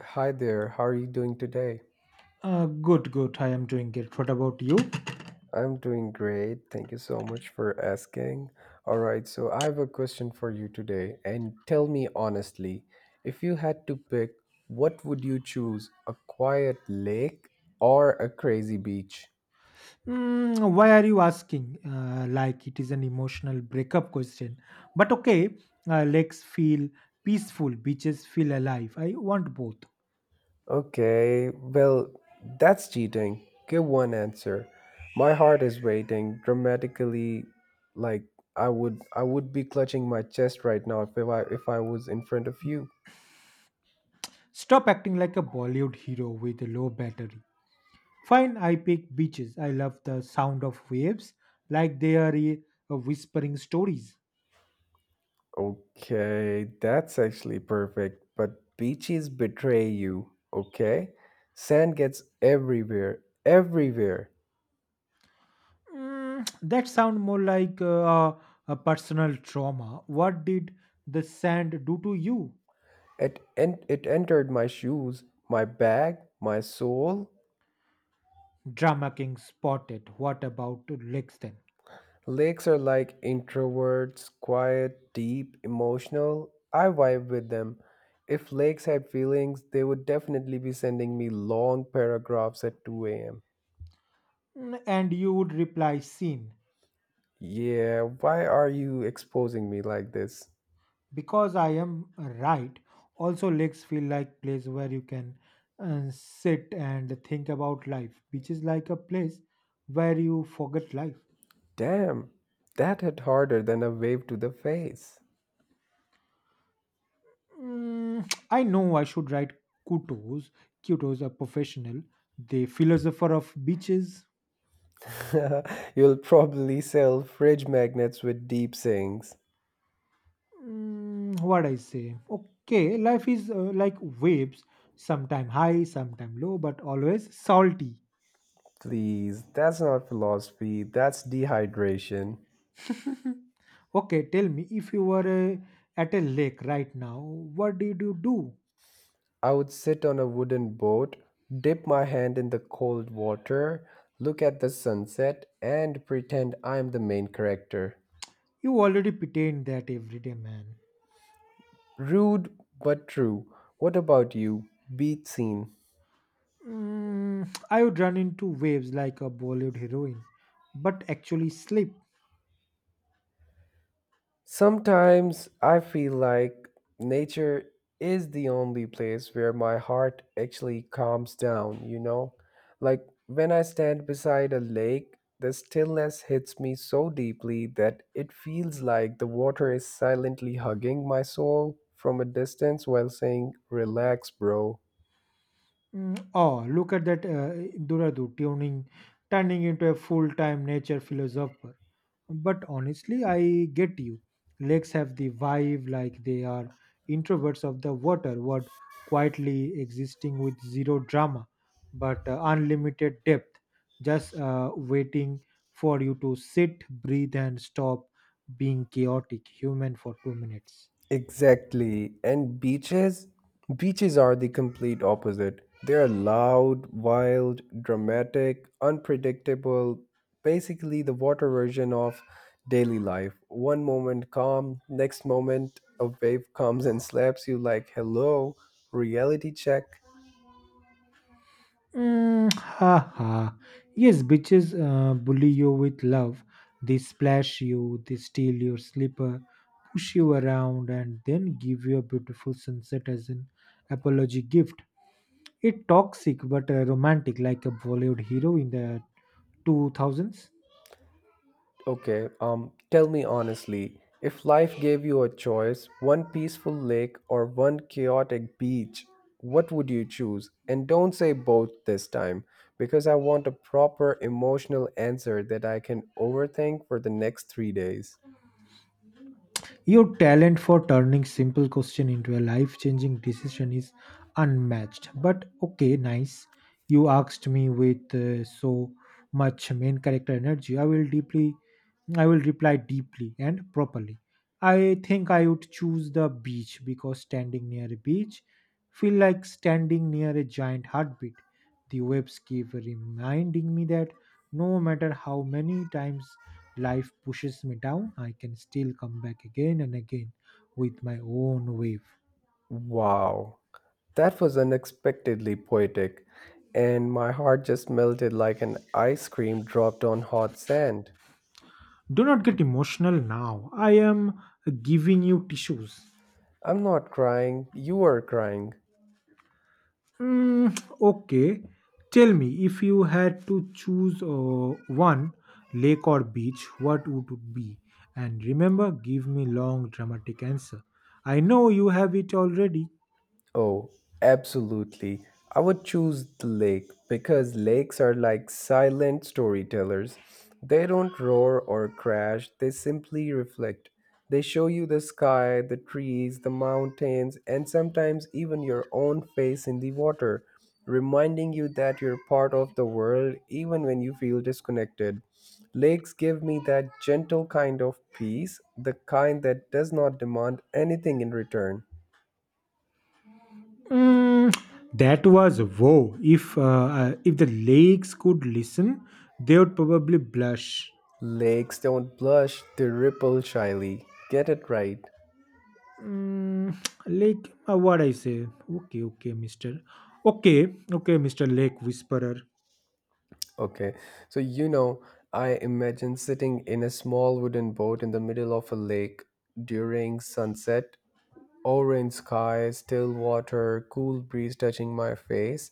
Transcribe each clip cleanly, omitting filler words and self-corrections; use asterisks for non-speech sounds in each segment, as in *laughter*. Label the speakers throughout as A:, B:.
A: Hi there, how are you doing today?
B: Good, good. I am doing it. What about you?
A: I'm doing great. Thank you so much for asking. All right, so I have a question for you today. And tell me honestly, if you had to pick, what would you choose? A quiet lake or a crazy beach?
B: Why are you asking? Like it is an emotional breakup question. But okay, lakes feel peaceful, beaches feel alive. I want both.
A: Okay, well, that's cheating. Give one answer. My heart is waiting dramatically like I would be clutching my chest right now if I was in front of you.
B: Stop acting like a Bollywood hero with a low battery. Fine, I pick beaches. I love the sound of waves, like they are whispering stories.
A: Okay, that's actually perfect. But beaches betray you, okay? Sand gets everywhere, everywhere.
B: That sound more like a personal trauma. What did the sand do to you?
A: It, it entered my shoes, my bag, my soul.
B: Drama King spotted. What about Lexden?
A: Lakes are like introverts, quiet, deep, emotional. I vibe with them. If lakes had feelings, they would definitely be sending me long paragraphs at 2 a.m.
B: And you would reply, Scene.
A: Yeah, why are you exposing me like this?
B: Because I am right. Also, lakes feel like place where you can sit and think about life, which is like a place where you forget life.
A: Damn, that hit harder than a wave to the face.
B: *tsk* I know I should write Kutos. Kutos, a professional, the philosopher of beaches.
A: *laughs* You'll probably sell fridge magnets with deep sinks.
B: What I say? Okay, life is like waves, sometime high, sometime low, but always salty.
A: Please, that's not philosophy, that's dehydration.
B: *laughs* Okay, tell me if you were at a lake right now, what did you do?
A: I would sit on a wooden boat, dip my hand in the cold water, look at the sunset, and pretend I'm the main character.
B: You already pretend that everyday man.
A: Rude but true. What about you? Be seen.
B: I would run into waves like a Bollywood heroine, but actually sleep.
A: Sometimes I feel like nature is the only place where my heart actually calms down, you know? Like when I stand beside a lake, the stillness hits me so deeply that it feels like the water is silently hugging my soul from a distance while saying, Relax, bro.
B: Oh, look at that Duradu tuning, turning into a full-time nature philosopher. But honestly, I get you. Lakes have the vibe like they are introverts of the water, what quietly existing with zero drama, but unlimited depth, just waiting for you to sit, breathe, and stop being chaotic human for 2 minutes.
A: Exactly. And beaches? Beaches are the complete opposite. They are loud, wild, dramatic, unpredictable, basically the water version of daily life. One moment calm, next moment a wave comes and slaps you like, hello, reality check.
B: Ha ha. Yes, bitches bully you with love. They splash you, they steal your slipper, push you around, and then give you a beautiful sunset as an apology gift. It's toxic but romantic, like a Bollywood hero in the 2000s.
A: Okay, tell me honestly, if life gave you a choice, one peaceful lake or one chaotic beach, what would you choose? And don't say both this time, because I want a proper emotional answer that I can overthink for the next three days.
B: Your talent for turning simple question into a life-changing decision is unmatched. But okay, nice. You asked me with so much main character energy. I will reply deeply and properly. I think I would choose the beach because standing near a beach feel like standing near a giant heartbeat. The waves keep reminding me that no matter how many times life pushes me down, I can still come back again and again with my own wave.
A: Wow, that was unexpectedly poetic, and my heart just melted like an ice cream dropped on hot sand.
B: Do not get emotional now. I am giving you tissues.
A: I'm not crying, you are crying.
B: Mm, okay. Tell me, if you had to choose one lake or beach, what would it be? And remember, give me long dramatic answer. I know you have it already.
A: Oh, absolutely. I would choose the lake because lakes are like silent storytellers. They don't roar or crash, they simply reflect. They show you the sky, the trees, the mountains, and sometimes even your own face in the water, reminding you that you're part of the world even when you feel disconnected. Lakes give me that gentle kind of peace, the kind that does not demand anything in return.
B: Mm, that was wow. If the lakes could listen, they would probably blush.
A: Lakes don't blush, they ripple shyly. Get it right.
B: Mm, like what I say. Okay, okay, Mister. Okay, okay, Mister Lake Whisperer.
A: Okay, so you know, I imagine sitting in a small wooden boat in the middle of a lake during sunset, orange sky, still water, cool breeze touching my face,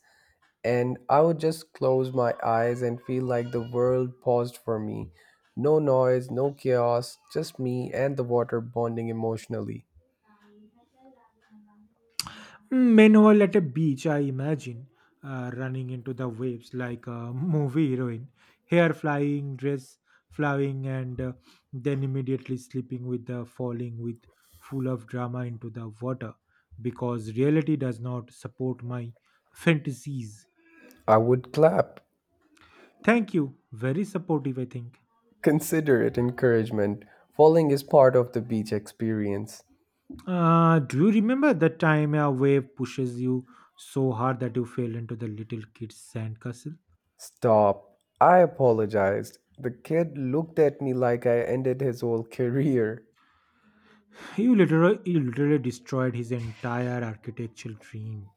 A: and I would just close my eyes and feel like the world paused for me. No noise, no chaos, just me and the water bonding emotionally.
B: Meanwhile, at a beach, I imagine running into the waves like a *laughs* movie heroine, hair flying, dress flying, and then immediately slipping with the falling with full of drama into the water because reality does not support my fantasies.
A: I would clap.
B: Thank you. Very supportive, I think.
A: Consider it encouragement. Falling is part of the beach experience.
B: Do you remember the time a wave pushes you so hard that you fell into the little kid's sandcastle?
A: Stop. I apologized. The kid looked at me like I ended his whole *laughs* career.
B: You literally destroyed his entire architectural dream.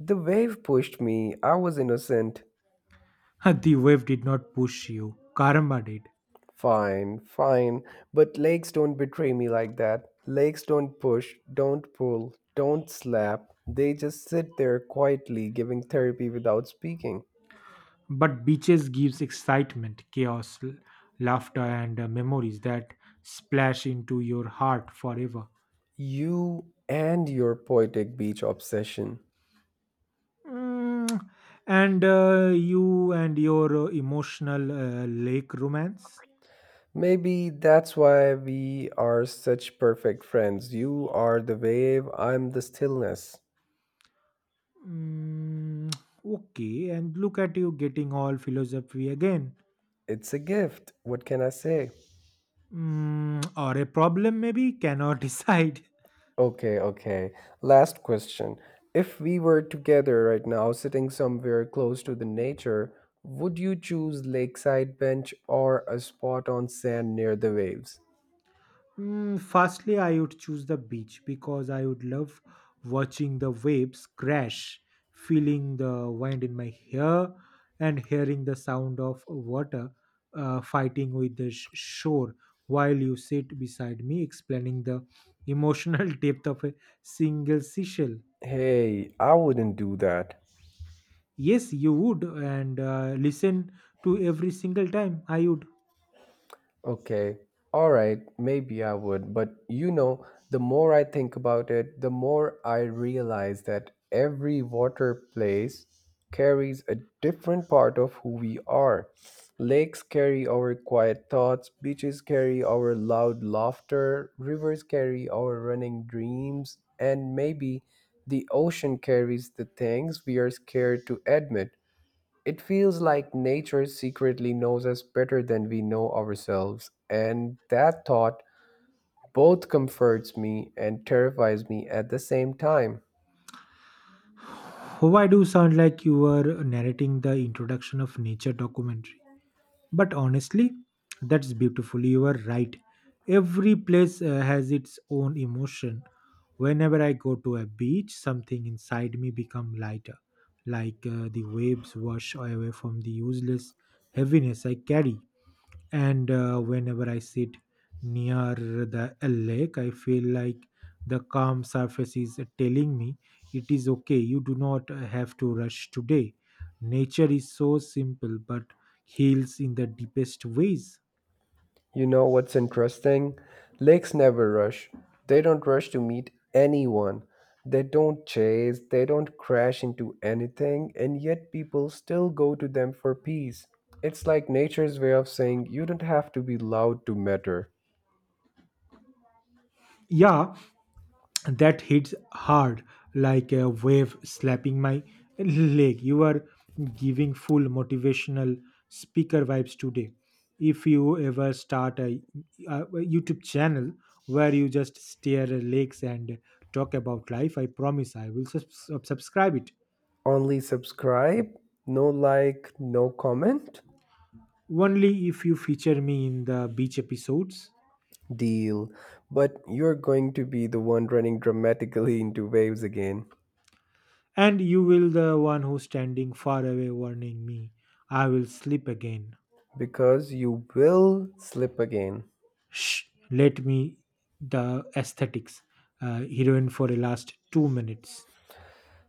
A: The wave pushed me. I was innocent.
B: *laughs* The wave did not push you, karma did.
A: Fine, fine. But legs don't betray me like that. Legs don't push, don't pull, don't slap. They just sit there quietly giving therapy without speaking.
B: But beaches gives excitement, chaos, laughter, and memories that splash into your heart forever.
A: You and your poetic beach obsession.
B: Mm, And you and your emotional lake romance.
A: Maybe that's why we are such perfect friends. You are the wave, I'm the stillness.
B: Mm, okay, and look at you getting all philosophy again.
A: It's a gift. What can I say?
B: Or a problem maybe cannot *laughs* decide.
A: Okay, okay. Last question. If we were together right now, sitting somewhere close to the nature, would you choose lakeside bench or a spot on sand near the waves?
B: Firstly, I would choose the beach because I would love watching the waves crash, feeling the wind in my hair, and hearing the sound of water fighting with the shore while you sit beside me, explaining the emotional *laughs* depth of a single seashell.
A: Hey, I wouldn't do that.
B: Yes, you would, and listen to every single time. I would.
A: Okay. All right. Maybe I would. But you know, the more I think about it, the more I realize that every water place carries a different part of who we are. Lakes carry our quiet thoughts, beaches carry our loud laughter, rivers carry our running dreams, and maybe the ocean carries the things we are scared to admit. It feels like nature secretly knows us better than we know ourselves, and that thought both comforts me and terrifies me at the same time.
B: Why do you sound like you were narrating the introduction of nature documentary? But honestly, that's beautiful. You are right. Every place has its own emotion. Whenever I go to a beach, something inside me become lighter, like the waves wash away from the useless heaviness I carry. And whenever I sit near the lake, I feel like the calm surface is telling me it is okay. You do not have to rush today. Nature is so simple but heals in the deepest ways.
A: You know what's interesting? Lakes never rush. They don't rush to meet anyone. They don't chase, they don't crash into anything, and yet people still go to them for peace. It's like nature's way of saying you don't have to be loud to matter.
B: Yeah, that hits hard like a wave slapping my leg. You are giving full motivational speaker vibes today. If you ever start a, A YouTube channel where you just stare at lakes and talk about life, I promise subscribe it.
A: Only subscribe, no like, no comment?
B: Only if you feature me in the beach episodes.
A: Deal. But you're going to be the one running dramatically into waves again
B: And you will the one who standing far away warning me, I will sleep again.
A: because you will slip again.
B: Shh, let me the aesthetics, heroine for the last 2 minutes.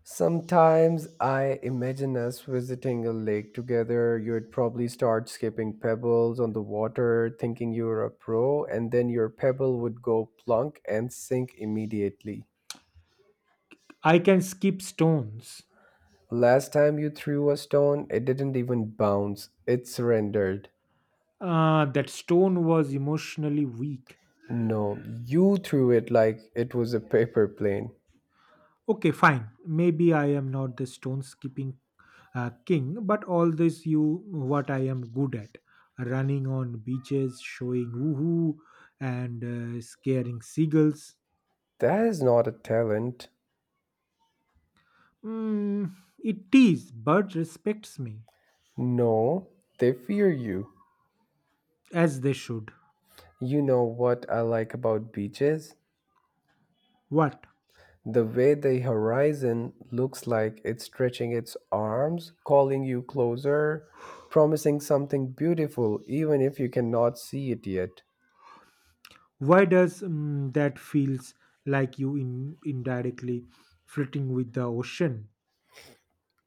A: Sometimes I imagine us visiting a lake together. You'd probably start skipping pebbles on the water, thinking you're a pro, and then your pebble would go plunk and sink immediately.
B: I can skip stones.
A: Last time you threw a stone, it didn't even bounce, it surrendered.
B: That stone was emotionally weak.
A: No, you threw it like it was a paper plane.
B: Okay, fine. Maybe I am not the stone skipping king, but all this you what I am good at. Running on beaches, showing woohoo, and scaring seagulls.
A: That is not a talent.
B: Mm, it is, but respects me
A: No, they fear you.
B: as they should.
A: You know what I like about beaches?
B: What?
A: The way the horizon looks like it's stretching its arms, calling you closer, promising something beautiful, even if you cannot see it yet.
B: Why does that feels like you in indirectly flirting with the ocean?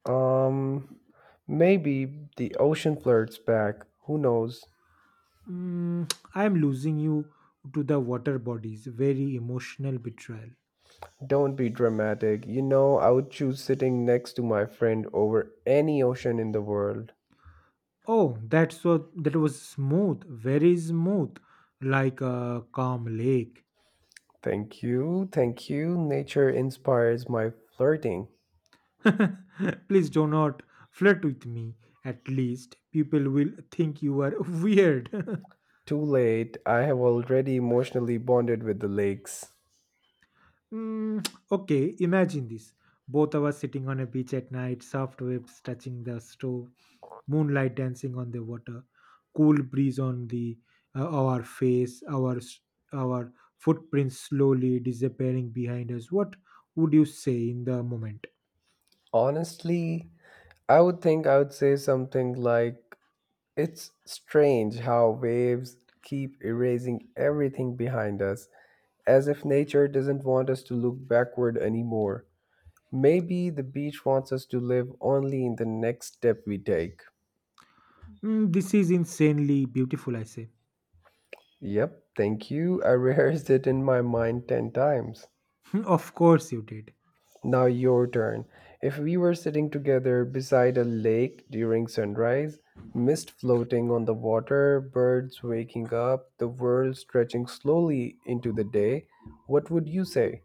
A: Um, Maybe the ocean flirts back. Who knows?
B: I am losing you to the water bodies. Very emotional betrayal.
A: Don't be dramatic. You know, I would choose sitting next to my friend over any ocean in the world.
B: Oh, that was smooth, very smooth, like a calm lake.
A: Thank you, thank you. Nature inspires my flirting.
B: *laughs* Please do not flirt with me. At least people will think you are *laughs* weird. *laughs*
A: Too late. I have already emotionally bonded with the lakes.
B: Okay, imagine this. Both of us sitting on a beach at night, soft waves touching the stove, moonlight dancing on the water, cool breeze on the our face, our footprints slowly disappearing behind us. What would you say in the moment?
A: Honestly, I would say something like, It's strange how waves keep erasing everything behind us, as if nature doesn't want us to look backward anymore. Maybe the beach wants us to live only in the next step we take.
B: This is insanely beautiful, I say.
A: Yep, thank you. *laughs* I rehearsed it in my mind 10 times.
B: *laughs* Of course you did.
A: Now your turn. If we were sitting together beside a lake during sunrise, mist floating on the water, birds waking up, the world stretching slowly into the day, what would you say?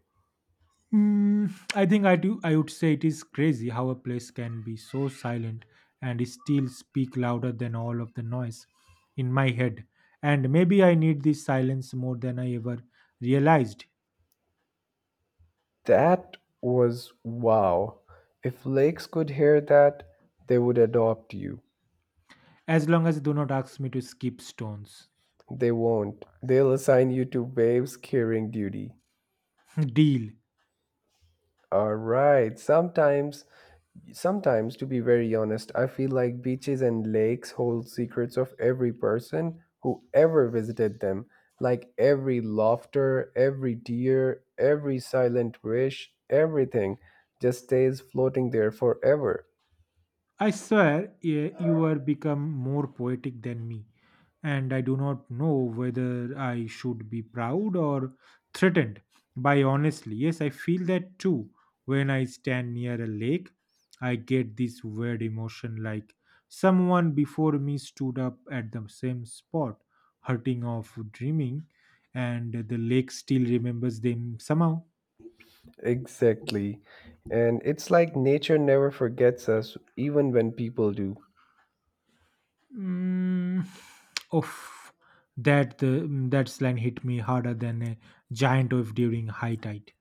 B: Mm, I think I do. I would say it is crazy how a place can be so silent and still speak louder than all of the noise in my head. And maybe I need this silence more than I ever realized.
A: That was wow. If lakes could hear that, they would adopt you.
B: As long as they do not ask me to skip stones.
A: They won't. They'll assign you to waves carrying duty.
B: *laughs* Deal.
A: All right. Sometimes, to be very honest, I feel like beaches and lakes hold secrets of every person who ever visited them. Like every laughter, every tear, every silent wish, everything just stays floating there forever.
B: I swear you are become more poetic than me, and I do not know whether I should be proud or threatened by honestly. Yes, I feel that too. When I stand near a lake, I get this weird emotion like someone before me stood up at the same spot, hurting of dreaming, and the lake still remembers them somehow.
A: Exactly. And it's like nature never forgets us, even when people do.
B: Mm, Oof, that slang hit me harder than a giant wave during high tide.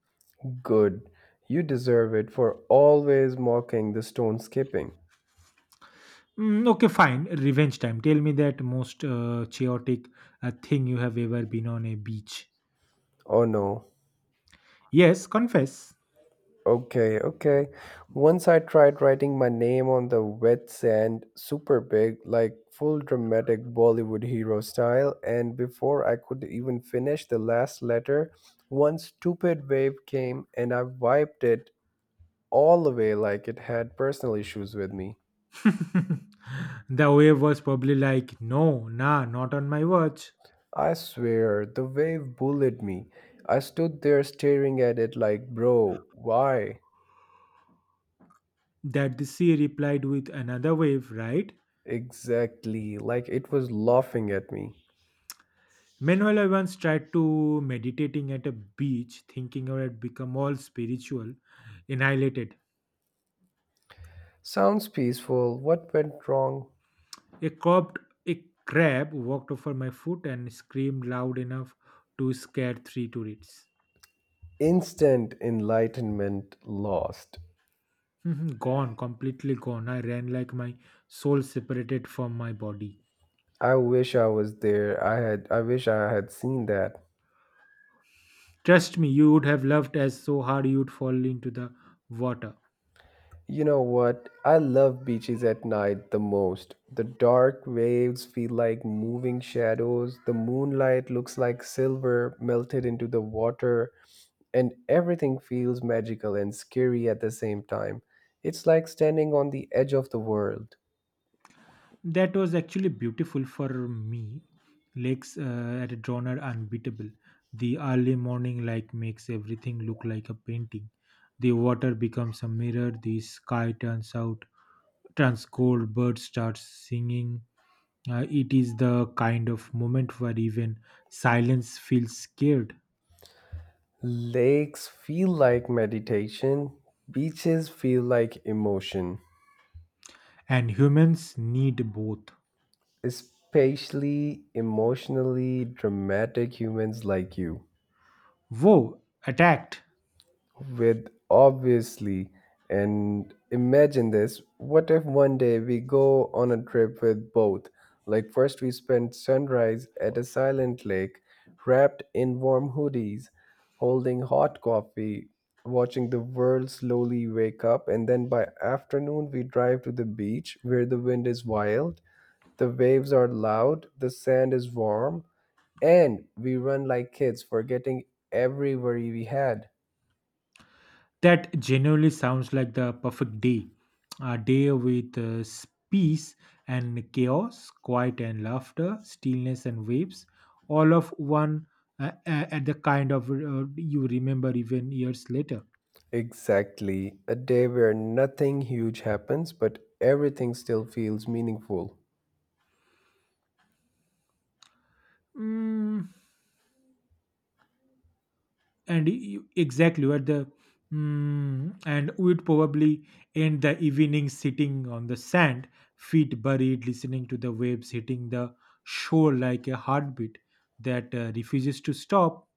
A: Good. You deserve it for always mocking the stone skipping.
B: Okay, fine. Revenge time. Tell me that most chaotic thing you have ever been on a beach.
A: Oh no.
B: Yes, confess.
A: Okay, okay. Once I tried writing my name on the wet sand, super big, like full dramatic Bollywood hero style, and before I could even finish the last letter, one stupid wave came and I wiped it all away like it had personal issues with me.
B: *laughs* The wave was probably like, no, nah, not on my watch.
A: I swear, the wave bullied me. I stood there staring at it like, bro, why?
B: That the sea replied with another wave, right?
A: Exactly, like it was laughing at me.
B: Meanwhile, I once tried to meditating at a beach, thinking I had become all spiritual, annihilated.
A: Sounds peaceful. What went wrong?
B: A cobbed a crab walked over my foot and screamed loud enough to scare three tourists.
A: Instant enlightenment lost.
B: Mhm, *laughs* gone, completely gone. I ran like my soul separated from my body.
A: I wish I was there. I wish I had seen that.
B: Trust me, you would have loved us so hard you'd fall into the water.
A: You know what? I love beaches at night the most. The dark waves feel like moving shadows, the moonlight looks like silver melted into the water, and everything feels magical and scary at the same time. It's like standing on the edge of the world.
B: That was actually beautiful for me. Lakes at a drawn are unbeatable. The early morning light makes everything look like a painting. The water becomes a mirror. The sky turns out turns cold. Birds start singing. It is the kind of moment where even silence feels scared,
A: Lakes feel like meditation, beaches feel like emotion,
B: and humans need both.
A: especially emotionally dramatic humans like you.
B: Whoa! Attacked.
A: With obviously and imagine this, what if one day we go on a trip with both, like first we spend sunrise at a silent lake wrapped in warm hoodies holding hot coffee watching the world slowly wake up, and then by afternoon we drive to the beach where the wind is wild, the waves are loud, the sand is warm, and we run like kids forgetting every worry we had.
B: That genuinely sounds like the perfect day. A day with peace and chaos, quiet and laughter, stillness and waves, all of one at the kind of you remember even years later.
A: Exactly. A day where nothing huge happens, but everything still feels meaningful.
B: Mm, and you, exactly what the mm, And we'd probably end the evening sitting on the sand, feet buried, listening to the waves hitting the shore like a heartbeat that refuses to stop.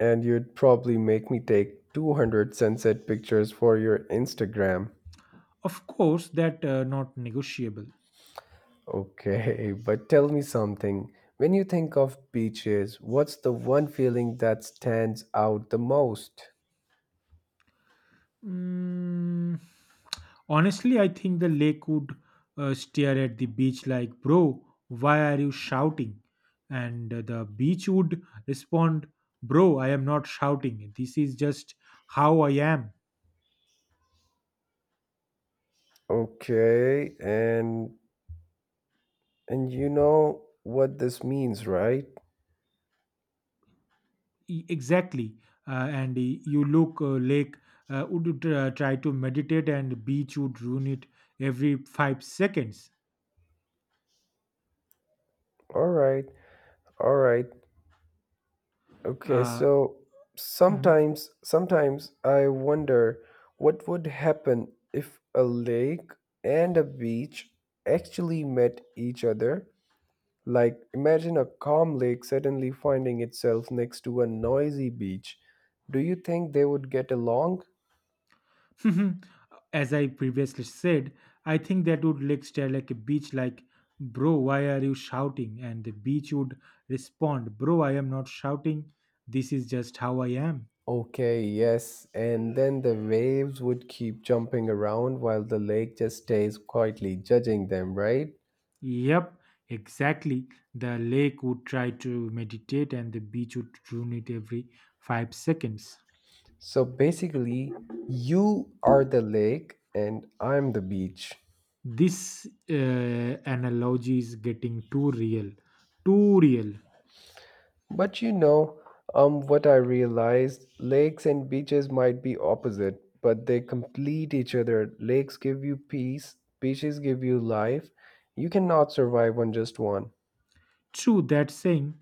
A: And you'd probably make me take 200 sunset pictures for your Instagram.
B: Of course, that not negotiable.
A: Okay, *laughs* but tell me something. When you think of beaches, what's the one feeling that stands out the most?
B: Mm, Honestly, I think the lake would stare at the beach like, "Bro, why are you shouting?" And the beach would respond, "Bro, I am not shouting. This is just how I am."
A: Okay, and you know what this means, right?
B: Exactly. You look lake would try to meditate, and beach would ruin it every 5 seconds.
A: All right. All right. Okay,
B: Uh,
A: so sometimes I wonder what would happen if a lake and a beach actually met each other. Like imagine a calm lake suddenly finding itself next to a noisy beach. Do you think they would get along?
B: Mhm. As I previously said, I think that would like stare like a beach like bro why are you shouting and the beach would respond bro I am not shouting this is just how I am.
A: Okay, yes, and then the waves would keep jumping around while the lake just stays quietly judging them, right?
B: Yep, exactly. The lake would try to meditate and the beach would ruin it every 5 seconds.
A: So basically, you are the lake and I'm the beach.
B: This analogy is getting too real. Too real.
A: But you know, what I realized lakes and beaches might be opposite, but they complete each other. Lakes give you peace, beaches give you life. You cannot survive on just one.
B: True that saying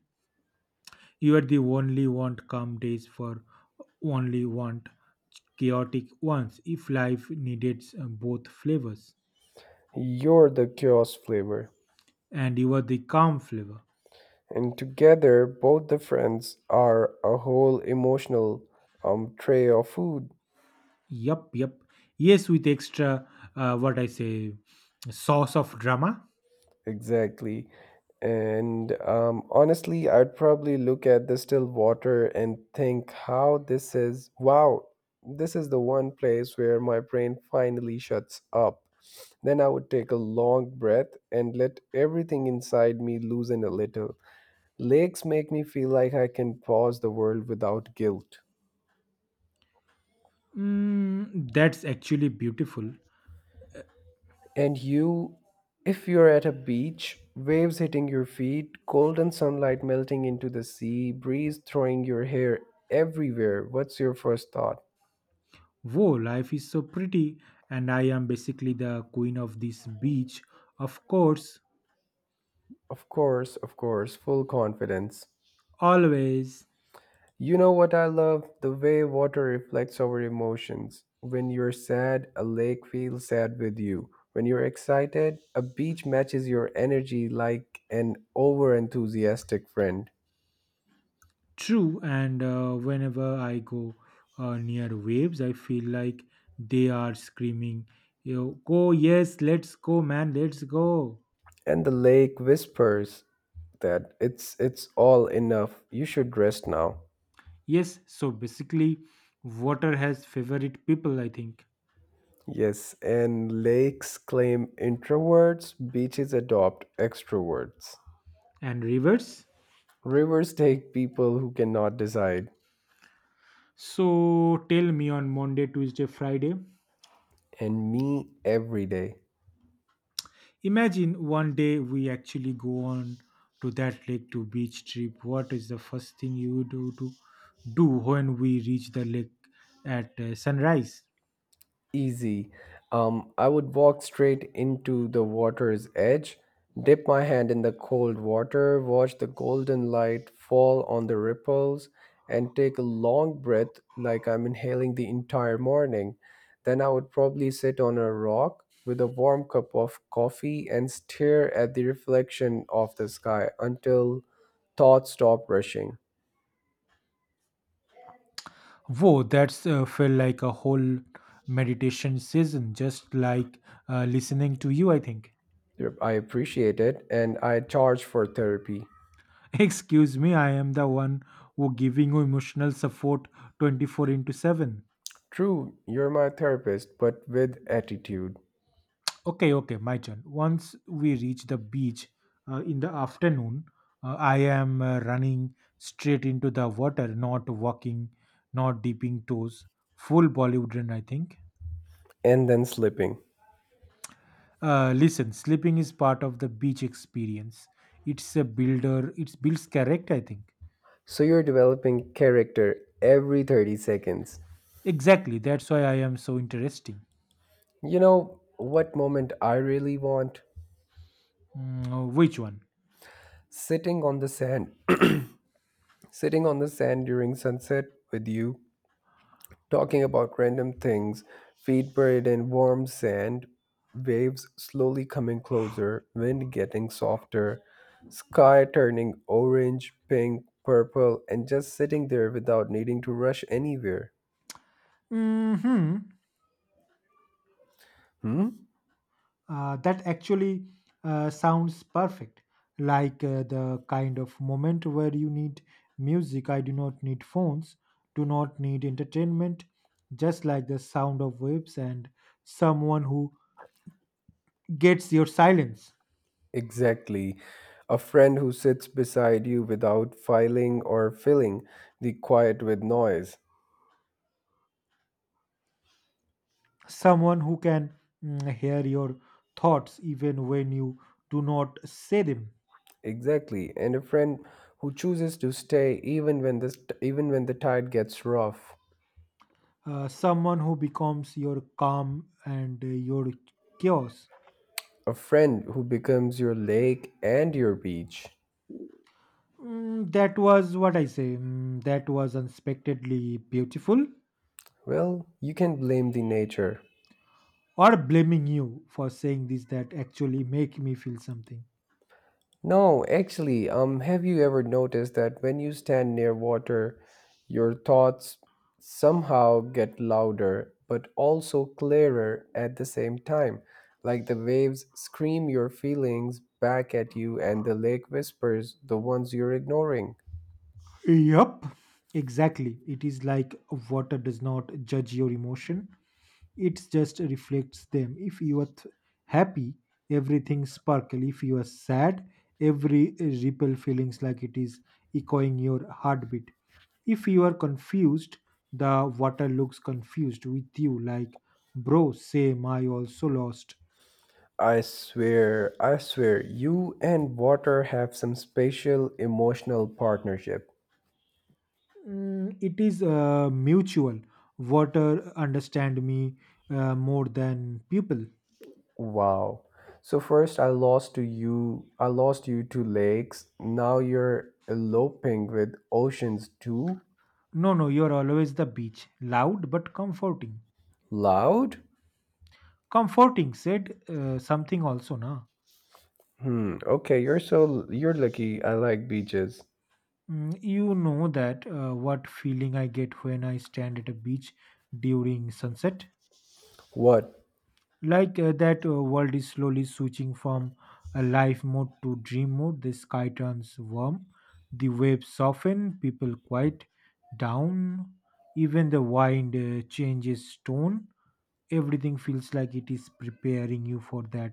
B: you are the only want calm days for only want chaotic ones if life needed both flavors.
A: You're the chaos flavor.
B: And you are the calm flavor.
A: And together, both the friends are a whole emotional tray of food.
B: Yup, yup. Yes, with extra, uh, what I say, sauce of drama.
A: Exactly. And honestly, I'd probably look at the still water and think how this is, wow, this is the one place where my brain finally shuts up. Then I would take a long breath and let everything inside me loosen a little. Lakes make me feel like I can pause the world without guilt.
B: That's actually beautiful.
A: And you, if you're at a beach, waves hitting your feet, golden sunlight melting into the sea, breeze throwing your hair everywhere, what's your first thought?
B: Whoa, life is so pretty, and I am basically the queen of this beach. Of course,
A: Of course, full confidence.
B: always.
A: You know what I love? The way water reflects our emotions. When you're sad, a lake feels sad with you. When you're excited, a beach matches your energy like an over enthusiastic friend.
B: True, and whenever I go near waves, I feel like they are screaming, you know, go, yes, let's go, man, let's go.
A: And the lake whispers that it's all enough, you should rest now.
B: Yes, so basically, water has favorite people, I think,
A: Yes, and lakes claim introverts, beaches adopt extroverts,
B: and rivers.
A: rivers take people who cannot decide,
B: So tell me on Monday, Tuesday, Friday.
A: and me every day.
B: Imagine one day we actually go on to that lake to beach trip. What is the first thing you do to do when we reach the lake at sunrise?
A: Easy. I would walk straight into the water's edge, dip my hand in the cold water, watch the golden light fall on the ripples, and take a long breath like I'm inhaling the entire morning. Then I would probably sit on a rock with a warm cup of coffee and stare at the reflection of the sky until thoughts stop rushing.
B: Whoa, that's felt like a whole meditation session, just like listening to you, I think.
A: Yep, I appreciate it, and I charge for therapy.
B: *laughs* Excuse me, I am the one who giving you emotional support 24 into 7.
A: True, you're my therapist, but with attitude.
B: Okay, okay, my turn. Once we reach the beach in the afternoon, I am running straight into the water, not walking, not dipping toes. Full Bollywood run, I think.
A: And then slipping.
B: Listen, sleeping is part of the beach experience. It's a builder. It builds character, I think.
A: So you're developing character every 30 seconds.
B: Exactly. That's why I am so interesting.
A: You know what moment I really want?
B: Which one?
A: Sitting on the sand, Sitting on the sand during sunset with you, talking about random things, feet buried in warm sand, waves slowly coming closer, wind getting softer, sky turning orange, pink, purple, and just sitting there without needing to rush anywhere.
B: Hmm.
A: Hmm?
B: That actually sounds perfect. Like the kind of moment where you need music. I do not need phones, do not need entertainment, just like the sound of waves and someone who gets your silence.
A: Exactly. A friend who sits beside you without filing or filling the quiet with noise.
B: Someone who can hear your thoughts even when you do not say them,
A: Exactly. And a friend who chooses to stay even when the tide gets rough.
B: someone who becomes your calm and your chaos.
A: A friend who becomes your lake and your beach.
B: Mm, that was what I say. Mm, That was unexpectedly beautiful.
A: Well, you can blame the nature.
B: Or blaming you for saying this that actually make me feel something.
A: No, actually, have you ever noticed that when you stand near water, your thoughts somehow get louder but also clearer at the same time? Like the waves scream your feelings back at you, and the lake whispers the ones you're ignoring.
B: Yup, exactly. It is like water does not judge your emotion, it just reflects them. If you are happy everything sparkle, if you are sad every ripple feelings like it is echoing your heartbeat, if you are confused the water looks confused with you like bro same I also lost.
A: I swear, you and water have some special emotional partnership.
B: It is mutual, water understand me more than people.
A: Wow. So first I lost to you, I lost you to lakes. Now you're eloping with oceans too.
B: No, you're always the beach, loud but comforting.
A: Loud?
B: Comforting said something also na.
A: Hmm, okay, you're lucky. I like beaches.
B: You know that what feeling I get when I stand at a beach during sunset,
A: What?
B: like that world is slowly switching from a life mode to dream mode, the sky turns warm, the waves soften, people quiet down, even the wind changes tone, everything feels like it is preparing you for that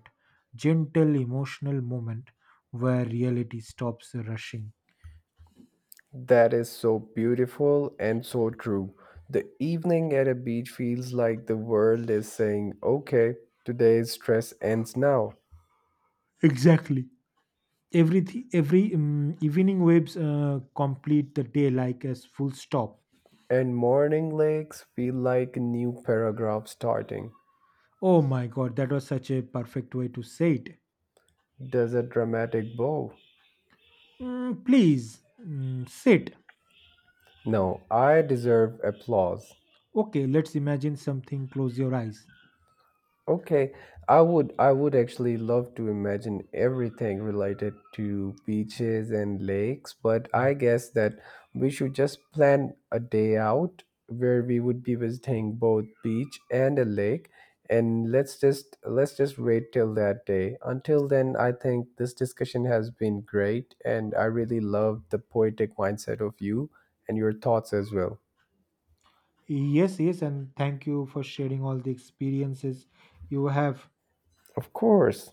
B: gentle emotional moment where reality stops rushing.
A: That is so beautiful and so true. The evening at a beach feels like the world is saying, "Okay, today's stress ends now."
B: Exactly. Everything, every evening waves complete the day like as full stop.
A: And morning lakes feel like a new paragraph starting.
B: Oh my god, that was such a perfect way to say it.
A: Does a dramatic bow.
B: Please sit.
A: No, I deserve applause.
B: Okay, let's imagine something. Close your eyes.
A: Okay, I would actually love to imagine everything related to beaches and lakes, but I guess that we should just plan a day out where we would be visiting both beach and a lake, and let's just wait till that day. Until then, I think this discussion has been great, and I really love the poetic mindset of you and your thoughts as well.
B: Yes, yes, and thank you for sharing all the experiences you have.
A: Of course.